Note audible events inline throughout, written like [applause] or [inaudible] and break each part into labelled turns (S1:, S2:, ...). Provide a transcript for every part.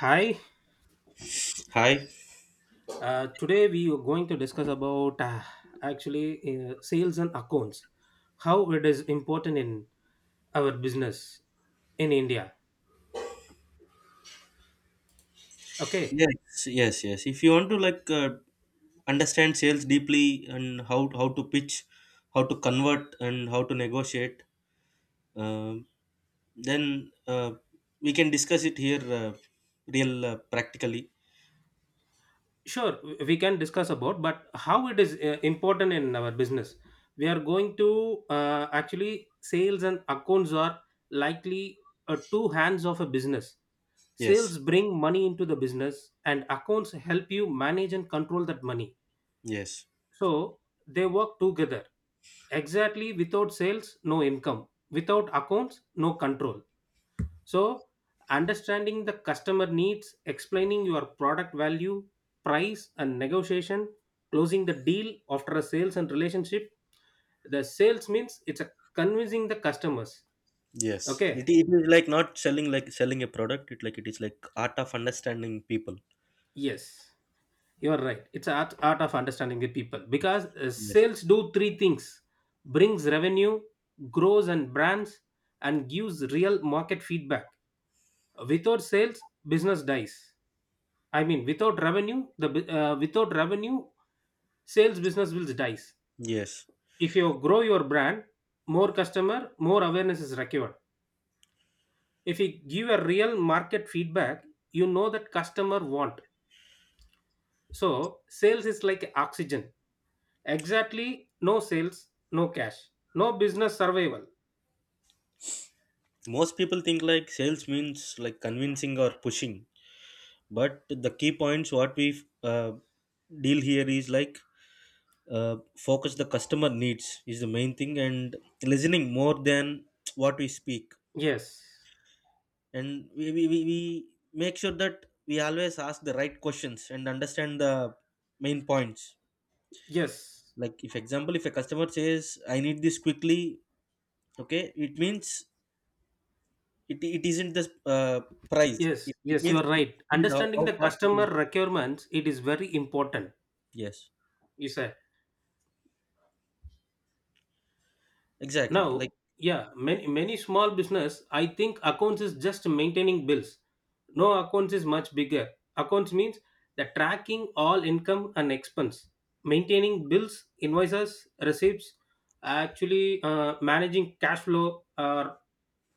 S1: Hi.
S2: Hi.
S1: Today we are going to discuss about actually sales and accounts, how it is important in our business in India. Okay,
S2: Yes, yes, yes. If you want to understand sales deeply and how to pitch, how to convert, and how to negotiate, uh, then we can discuss it here, real practically.
S1: sure, we can discuss about, but how it is important in our business. We are going to actually, sales and accounts are likely two hands of a business.
S2: Yes,
S1: Sales bring money into the business, and accounts help you manage and control that money.
S2: yes,
S1: So they work together. Exactly, without sales no income, without accounts no control. So understanding the customer needs, explaining your product value, price and negotiation, closing the deal after a sales and relationship. The sales means it's a convincing the customers.
S2: yes. It,
S1: Okay,
S2: it is like not selling like selling a product. It like it is like art of understanding people.
S1: yes, you are right, it's art of understanding the people,
S2: Yes,
S1: because
S2: yes,
S1: sales do three things: brings revenue, grows and brands, and gives real market feedback. Without sales, business dies. I mean, without revenue, without revenue, sales business will dies.
S2: yes.
S1: If you grow your brand, more customer more awareness is required. If you give a real market feedback, you know that customer want. So sales is like oxygen. Exactly, no sales no cash, no business survival.
S2: Most people think like sales means like convincing or pushing, but the key points what we deal here is like focus the customer needs is the main thing and listening more than what we speak,
S1: Yes,
S2: and we make sure that we always ask the right questions and understand the main points.
S1: yes,
S2: Like if example if a customer says I need this quickly, okay, it means it isn't the price,
S1: yes,
S2: it
S1: yes, you
S2: means
S1: are
S2: it,
S1: right. Understanding
S2: how
S1: the
S2: fast it is.
S1: customer requirements, it is very important.
S2: Yes,
S1: You said
S2: exactly
S1: now.
S2: like.
S1: Yeah, many small business, I think accounts is just maintaining bills. No, accounts is much bigger. Accounts means the tracking all income and expense, maintaining bills, invoices, receipts, actually, managing cash flow, or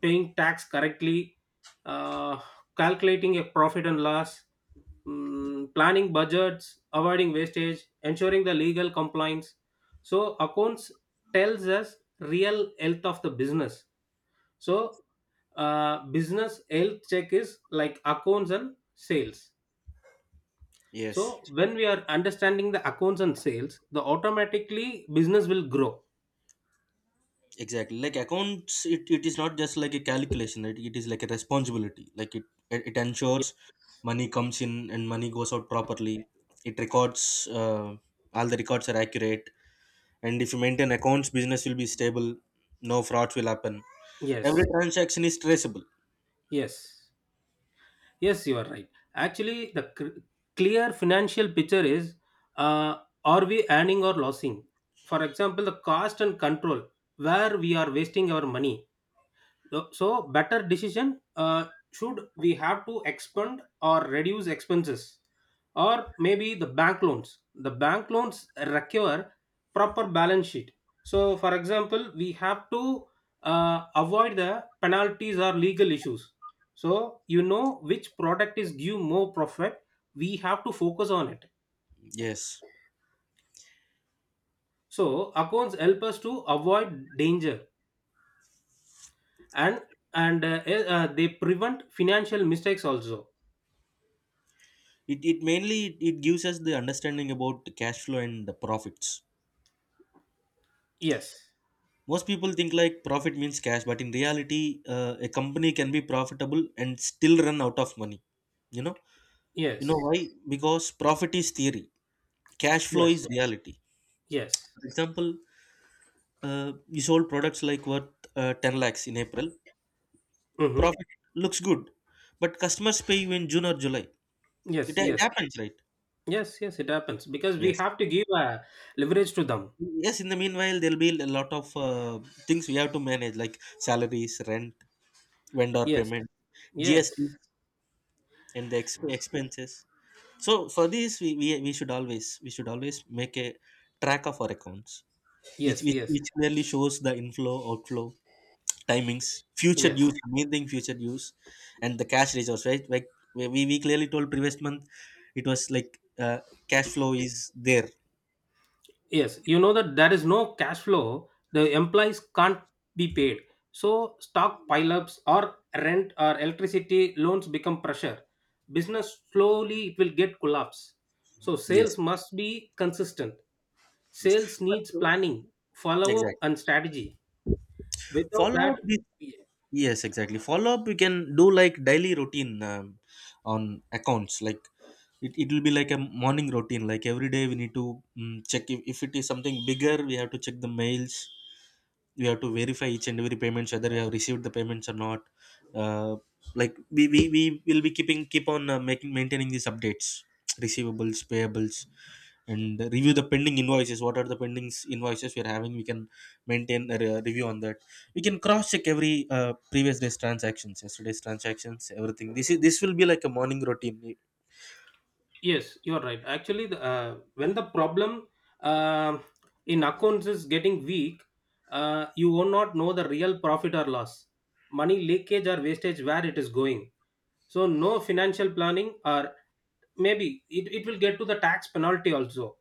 S1: paying tax correctly, uh, calculating a profit and loss, planning budgets, avoiding wastage, ensuring the legal compliance. So accounts tells us real health of the business. So business health check is like accounts and sales.
S2: Yes.
S1: So when we are understanding the accounts and sales, the automatically business will grow.
S2: Exactly like accounts, it is not just like a calculation, it is like a responsibility like it
S1: Ye-
S2: ensures money comes in and money goes out properly. It records, uh, all the records are accurate, and if you maintain accounts, business will be stable, no frauds will happen, every
S1: Yes,
S2: transaction is traceable.
S1: yes, yes. You are right. Actually, clear financial picture is: uh, are we earning or losing? For example, the cost and control, where we are wasting our money. No, so better decision, should we have to expand or reduce expenses, or maybe the bank loans require proper balance sheet. So for example, we have to avoid the penalties or legal issues. So you know which product is give more profit, we have to focus on it.
S2: Yes,
S1: So accounts help us to avoid danger, and they prevent financial mistakes also.
S2: it mainly, it gives us the understanding about the cash flow and the profits.
S1: Yes.
S2: Most people think like profit means cash, but in reality a company can be profitable and still run out of money, you know. You know
S1: Yes.
S2: why? Because profit is theory, cash flow
S1: Yes.
S2: is reality.
S1: Yes.
S2: For example, you sold products like worth 10 lakhs in April.
S1: Mm-hmm.
S2: Profit looks good, but customers pay you in June or July. it,
S1: Yes.
S2: it
S1: Yes.
S2: happens, right?
S1: Yes. Yes. It happens because we
S2: Yes,
S1: have to give leverage to them.
S2: yes, in the meanwhile there'll be a lot of things we have to manage like salaries, rent, vendor
S1: Yes.
S2: payment, GST,
S1: Yes.
S2: and the expenses. So for this, we should always make a track of our accounts, which
S1: Yes.
S2: which,
S1: Yes.
S2: which clearly shows the inflow, outflow, timings, future
S1: Yes.
S2: use, main thing future use, and the cash reserves. Right, like we clearly told previous month, it was like cash flow is there.
S1: Yes. You know that there is no cash flow. The employees can't be paid. So stock pileups or rent or electricity loans become pressure. Business slowly it will get collapse. So
S2: Yes,
S1: sales must be consistent.
S2: yes,
S1: Sales
S2: but,
S1: needs planning, follow up,
S2: exactly.
S1: and strategy. Without
S2: Follow
S1: that,
S2: up with, yes, exactly. Follow up. We can do like daily routine on accounts, like it will be like a morning routine, like every day we need to check if it is something bigger we have to check the mails, we have to verify each and every payments whether we have received the payments or not. uh, like we will be keeping, keep on making, maintaining these updates, receivables, payables, and review the pending invoices. What are the pending invoices we are having, we can maintain a review on that. We can cross check every previous day's transactions, yesterday's transactions, everything. This is, this will be like a morning routine.
S1: yes, you're right. Actually, when the problem uh, in accounts is getting weak, you will not know the real profit or loss, money leakage or wastage, where it is going. So no financial planning, or maybe it will get to the tax penalty also.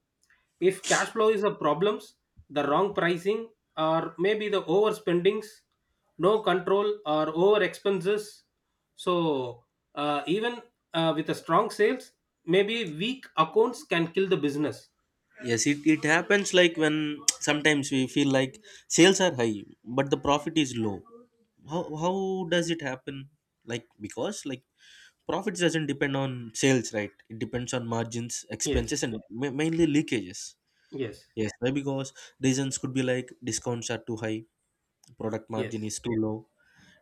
S1: If cash flow is a problems, the wrong pricing, or maybe the overspendings, no control or over expenses. So even with a strong sales, maybe weak accounts can kill the business.
S2: Yes, it happens like when sometimes we feel like sales are high, but the profit is low. How does it happen? Like, because like profits doesn't depend on sales, right? It depends on margins,
S1: Yes,
S2: expenses, and mainly leakages.
S1: yes,
S2: Yes, why? Because reasons could be like discounts are too high, product margin
S1: yes,
S2: is too low,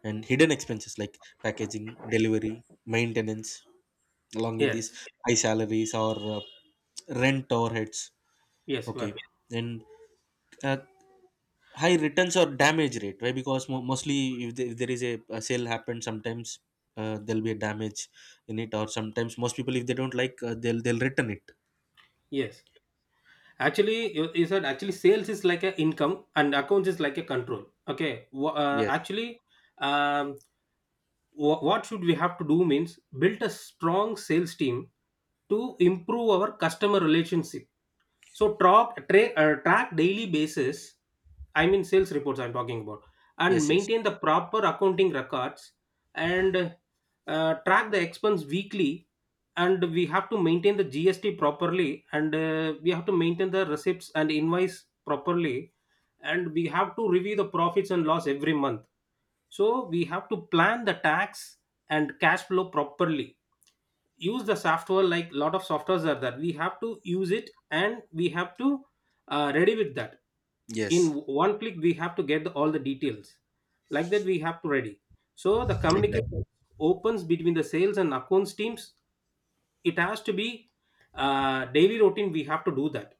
S2: and hidden expenses like packaging, delivery, maintenance, along with these
S1: yes,
S2: high salaries or rent overheads.
S1: yes,
S2: Okay,
S1: Varun.
S2: and uh, high returns or damage rate, right? Because mostly if, if there is a sale happens sometimes there'll be a damage in it, or sometimes most people if they don't like they'll return it.
S1: Yes. Actually, you said actually sales is like a income and accounts is like a control. Okay.
S2: Yes,
S1: Actually, um, what should we have to do means build a strong sales team to improve our customer relationship. So track daily basis, I mean sales reports I'm talking about, and
S2: yes, yes,
S1: maintain the proper accounting records, and track the expense weekly, and we have to maintain the GST properly, and we have to maintain the receipts and invoice properly, and we have to review the profits and loss every month. So we have to plan the tax and cash flow properly. Use the software, like lot of softwares are there, we have to use it, and we have to ready with that. In
S2: yes,
S1: one click we have to get the all the details, like that we have to ready. So the communication
S2: exactly,
S1: opens between the sales and accounts teams, it has to be daily routine, we have to do that.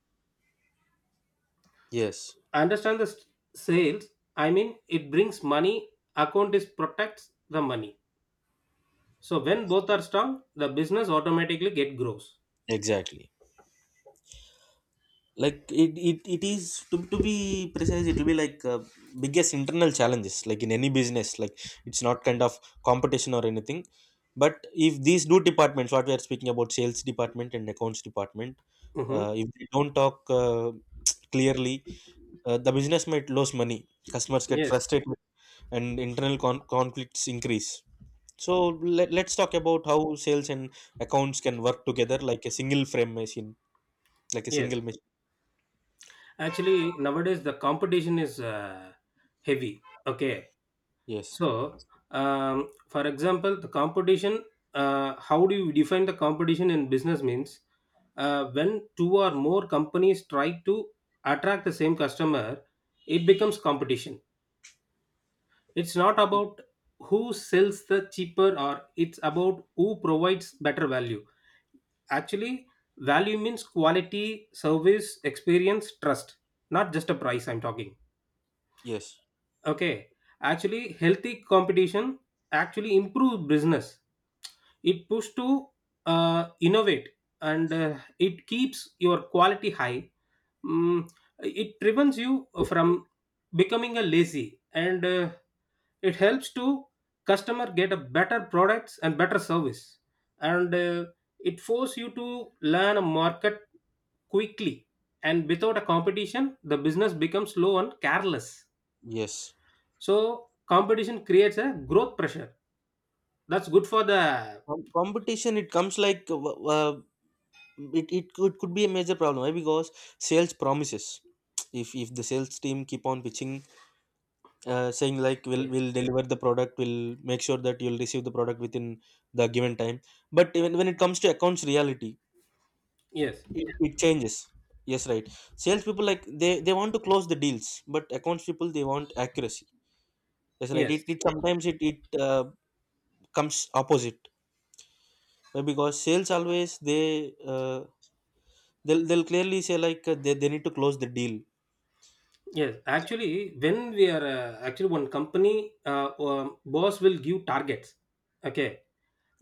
S2: yes,
S1: Understand sales, I mean it brings money, account is protects the money. So when both are strong, the business automatically get grows.
S2: exactly. Like it is to be precise, it will be like biggest internal challenges like in any business. Like, it's not kind of competition or anything, but if these two departments what we are speaking about, sales department and accounts department,
S1: Hmm.
S2: if they don't talk [tsk] clearly, the business might lose money, customers get
S1: Yes,
S2: frustrated, and internal conflicts increase. So let, let's talk about how sales and accounts can work together like a single frame machine, like a single
S1: yes.
S2: machine.
S1: Actually, nowadays the competition is heavy. Okay,
S2: Yes,
S1: so for example, the competition. How do you define the competition in business? Means when two or more companies try to attract the same customer, it becomes competition. It's not about who sells the cheaper, or it's about who provides better value. Actually, value means quality, service, experience, trust, not just a price I'm talking.
S2: yes.
S1: Okay. Actually, healthy competition actually improves business. It pushes to innovate, and it keeps your quality high, mm, it prevents you from becoming a lazy, and it helps to customer get a better products and better service, and it force you to learn a market quickly, and without a competition the business becomes slow and careless.
S2: Yes,
S1: So competition creates a growth pressure, that's good for the
S2: Competition, it comes like it could be a major problem. Why? Because sales promises. If the sales team keep on pitching, saying like we'll
S1: yes
S2: deliver the product, we'll make sure that you'll receive the product within the given time. But even when it comes to accounts reality,
S1: yes
S2: it changes. Yes, right. Sales people like they want to close the deals, but accounts people they want accuracy. That's right.
S1: yes.
S2: It sometimes it it comes opposite. Why? Because sales always they. They'll clearly say like they need to close the deal.
S1: Yes, actually, when we are actually one company boss will give targets. Okay,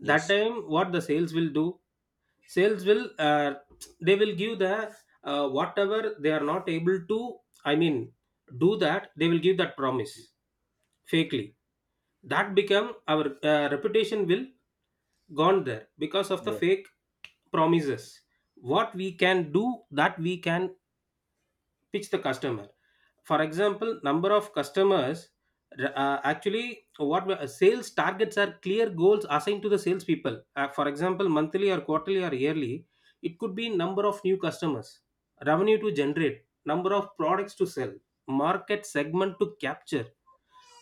S1: that time what the sales will do? Sales will they will give the whatever they are not able to. I mean, do that, they will give that promise fakely. That become our reputation will gone there because of the
S2: Yes,
S1: fake promises. What we can do that we can pitch the customer. For example, number of customers. Actually, sales targets are clear goals assigned to the salespeople. For example, monthly or quarterly or yearly, it could be number of new customers, revenue to generate, number of products to sell, market segment to capture,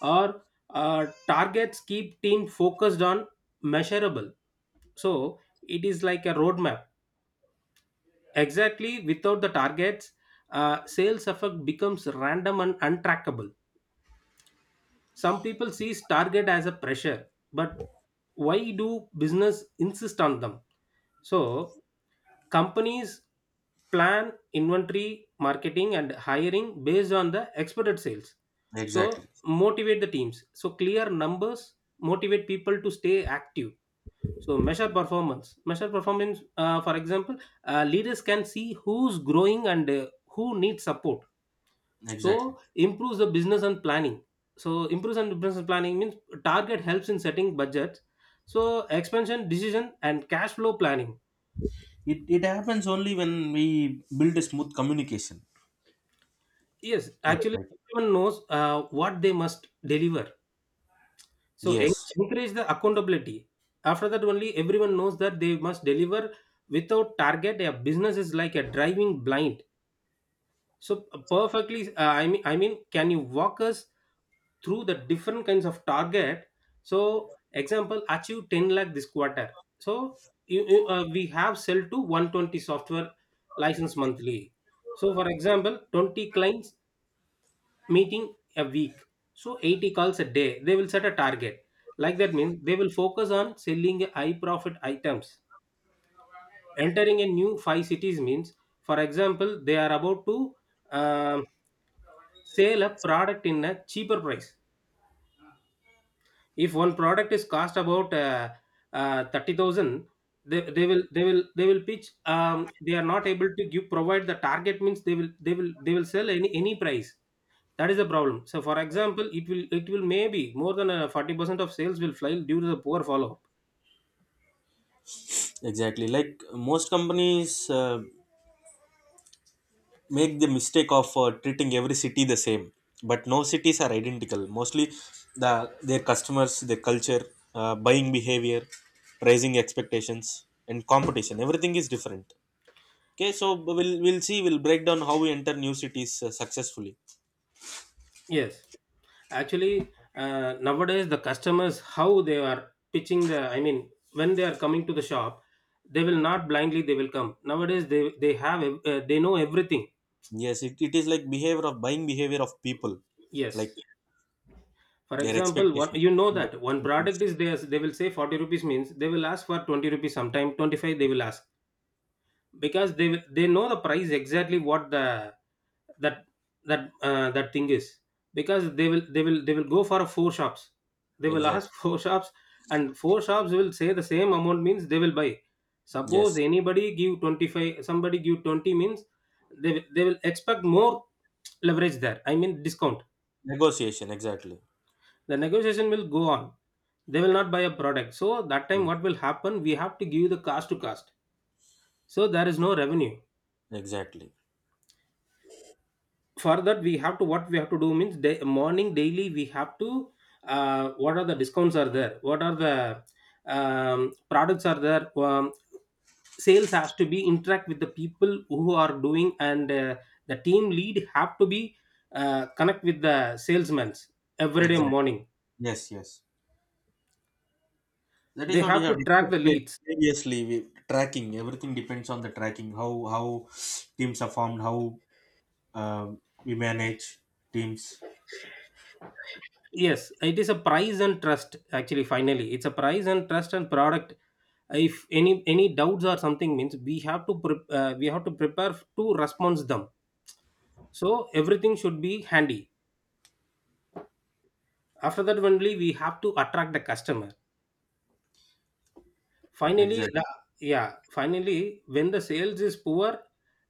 S1: or uh, targets keep team focused on measurable. So it is like a roadmap. Exactly, without the targets, sales effect becomes random and untrackable. Some people see target as a pressure, but why do business insist on them? So companies plan inventory, marketing, and hiring based on the expected sales. So
S2: exactly,
S1: motivate the teams. So clear numbers motivate people to stay active. So measure performance. Measure performance. For example, leaders can see who's growing and who needs support.
S2: exactly.
S1: So improves the business and planning. So improves and business planning means target helps in setting budgets. So expansion decision and cash flow planning.
S2: It happens only when we build a smooth communication.
S1: Yes,
S2: Yes,
S1: actually
S2: right.
S1: everyone knows what they must deliver. So
S2: Yes,
S1: encourage the accountability. After that, only everyone knows that they must deliver without target. A business is like a driving blind. So perfectly, can you walk us through the different kinds of target? So, example, achieve 10 lakh this quarter. So, we have sell to 120 software license monthly. So, for example, 20 clients meeting a week. So, 80 calls a day. They will set a target. Like that means they will focus on selling high profit items. Entering a new five cities means, for example, they are about to. um Sell a product in a cheaper price, if one product is cost about 30,000, they will they will pitch. They are not able to give provide the target means they will sell any price. That is the problem. So for example, it will, it will maybe more than 40% of sales will fail due to the poor follow up.
S2: exactly. Like most companies make the mistake of treating every city the same, but no cities are identical. Mostly, the their customers, their culture, buying behavior, pricing expectations, and competition. Everything is different. Okay, so we'll see. We'll break down how we enter new cities successfully.
S1: Yes, actually nowadays the customers how they are pitching the, I mean, when they are coming to the shop, they will not blindly they will come, nowadays they have they know everything.
S2: Yes, it is like behavior of buying behavior of people, like
S1: Yes, for
S2: their
S1: example, one
S2: expectations.
S1: you know
S2: Customer
S1: that one
S2: expectations.
S1: product is there. They will say 40 rupees, means they will ask for 20 rupees, sometime 25 they will ask, because they know the price exactly, what the that that thing is, because they will go for four shops, they will
S2: Exactly.
S1: ask [laughs] four shops, and four shops will say the same amount means they will buy. Suppose
S2: Yes.
S1: anybody give 25, somebody give 20 means they will expect more leverage there, I mean discount.
S2: Negotiation. Exactly.
S1: The negotiation will go on, they will not buy a product. So that time
S2: Mm.
S1: what will happen, we have to give the cost to cost. So there is no revenue.
S2: Exactly.
S1: For that, we have to what we have to do means, day, morning daily we have to what are the discounts are there, what are the products are there, sales has to be interact with the people who are doing, and the team lead have to be connect with the salesmen every day
S2: Exactly.
S1: morning.
S2: Yes. Yes. That is
S1: They
S2: what we
S1: have
S2: have
S1: to track
S2: discussed
S1: the leads.
S2: previously. We, tracking. Everything depends on the tracking. How teams are formed. How uh, we manage teams.
S1: Yes, it is a price and trust actually finally. It's a price and trust and product. If any any doubts or something means we have to we have to prepare to response them. So everything should be handy. After that only we have to attract the customer. Finally,
S2: Exactly.
S1: the, yeah, finally when the sales is poor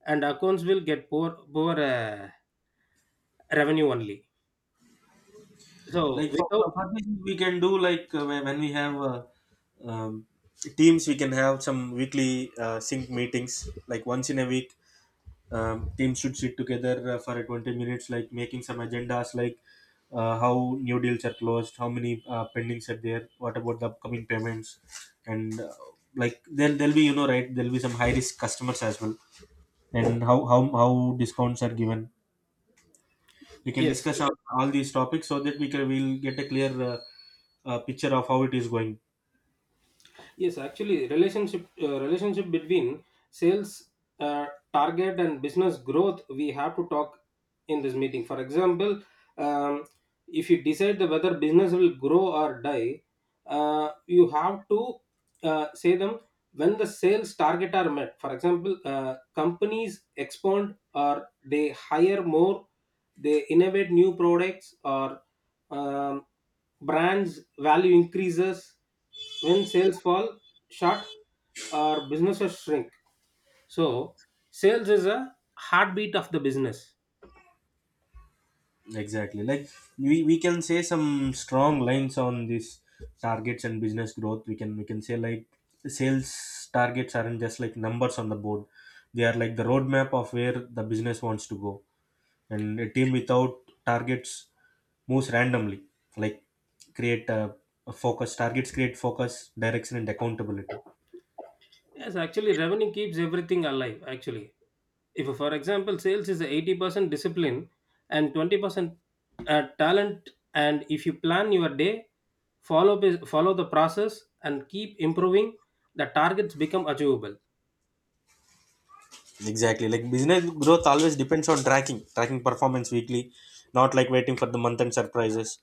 S1: and accounts will get poor, revenue only. So
S2: Like for
S1: without
S2: for fundraising, we can do like when we have um, teams, we can have some weekly sync meetings. Like once in a week, teams should sit together for 20 minutes, like making some agendas, like how new deals are closed, how many pendings are there, what about the upcoming payments, and like there, there'll be, you know, right, there'll be some high risk customers as well, and how discounts are given. We can
S1: yes.
S2: discuss all these topics so that we can, we'll get a clear. A picture of how it is going.
S1: Yes, actually, relationship between sales uh, target and business growth, we have to talk in this meeting. For example, um, if you decide the whether business will grow or die, you have to say them when the sales target are met. For example, companies expand or they hire more, they innovate new products, or um, brands value increases when sales fall short, or businesses shrink. So sales is a heartbeat of the business.
S2: Exactly. Like we can say some strong lines on these targets and business growth. We can, we can say like sales targets aren't just like numbers on the board, they are like the roadmap of where the business wants to go, and a team without targets moves randomly. Like create a focus. Targets create focus, direction, and accountability.
S1: Yes, actually revenue keeps everything alive, actually. If for example, sales is 80% discipline and 20% talent, and if you plan your day, follow the process and keep improving, the targets become achievable.
S2: Exactly. Like business growth always depends on tracking, tracking performance weekly, not like waiting for the month end surprises.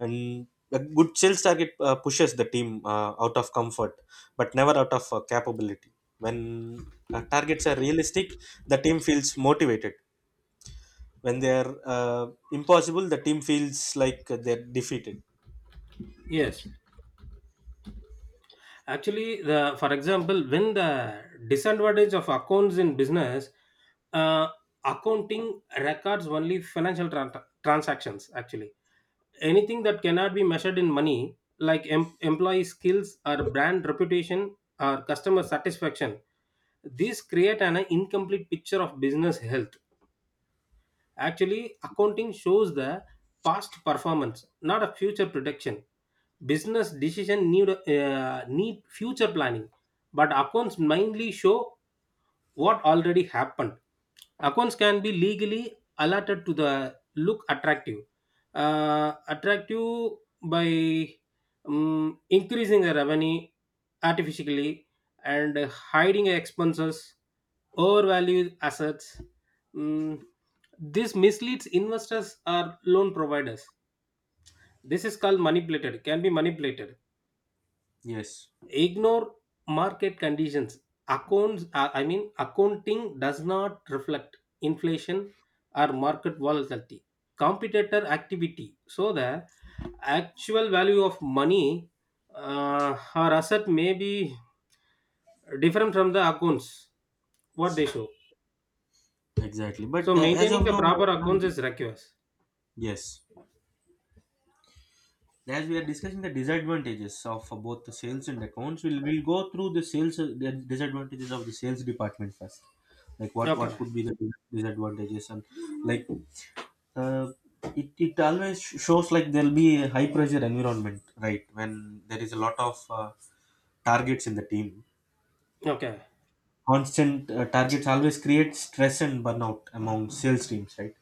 S2: And a good sales target pushes the team out of comfort, but never out of capability. When targets are realistic, the team feels motivated. When they are impossible, the team feels like they're defeated.
S1: Yes. Actually, the, for example, when the disadvantage of accounts in business, uh, accounting records only financial transactions. Actually, anything that cannot be measured in money, like employee skills or brand reputation or customer satisfaction, these create an incomplete picture of business health. Actually, accounting shows the past performance, not a future prediction. Business decision need need future planning, but accounts mainly show what already happened. Accounts can be legally allotted to the look attractive, uh, attractive by increasing the revenue artificially, and hiding expenses, overvalued assets. mm, this misleads investors or loan providers. This is called manipulated, can be manipulated.
S2: Yes,
S1: Ignore market conditions. Accounts, accounting does not reflect inflation or market volatility. Competitor activity. So the actual value of money or asset may be different from the accounts what they show.
S2: exactly. But
S1: So
S2: as
S1: maintaining
S2: of
S1: the
S2: now,
S1: proper accounts is requires.
S2: yes. As we are discussing the disadvantages of both the sales and accounts, we'll go through the sales the disadvantages of the sales department first, like what
S1: Okay.
S2: could be the disadvantages. And like, uh, it always shows like there'll be a high pressure environment, right, when there is a lot of targets in the team.
S1: Okay.
S2: Constant targets always create stress and burnout among sales teams, right?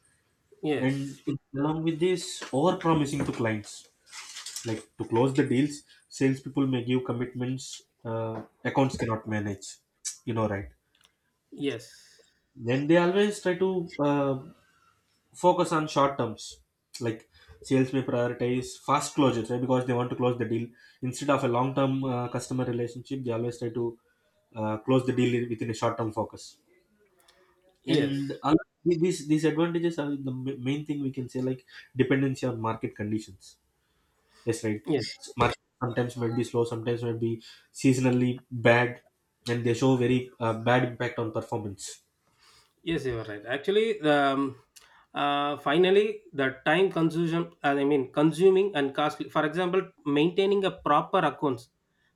S2: And
S1: Yes.
S2: along with this, over promising to clients. Like to close the deals, salespeople may give commitments accounts cannot manage. You know, right?
S1: Yes.
S2: Then they always try to focus on short terms. Like sales may prioritize fast closures, right? Because they want to close the deal instead of a long term customer relationship. They always try to close the deal within a short term focus. And
S1: Yes,
S2: these advantages are the main thing we can say like dependency on market conditions. Yes, right.
S1: yes,
S2: Market sometimes might be slow, sometimes might be seasonally bad, and they show very bad impact on performance.
S1: yes, you are right. Actually, finally, the time consumption, I mean, consuming and costly. For example, maintaining a proper accounts.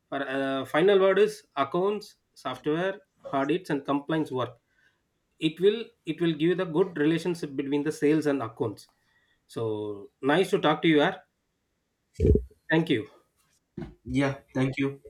S1: For final word is accounts, software, audits, and compliance work. It will, it will give the good relationship between the sales and accounts. So nice to talk to you. Ar. Thank you.
S2: Yeah, thank you.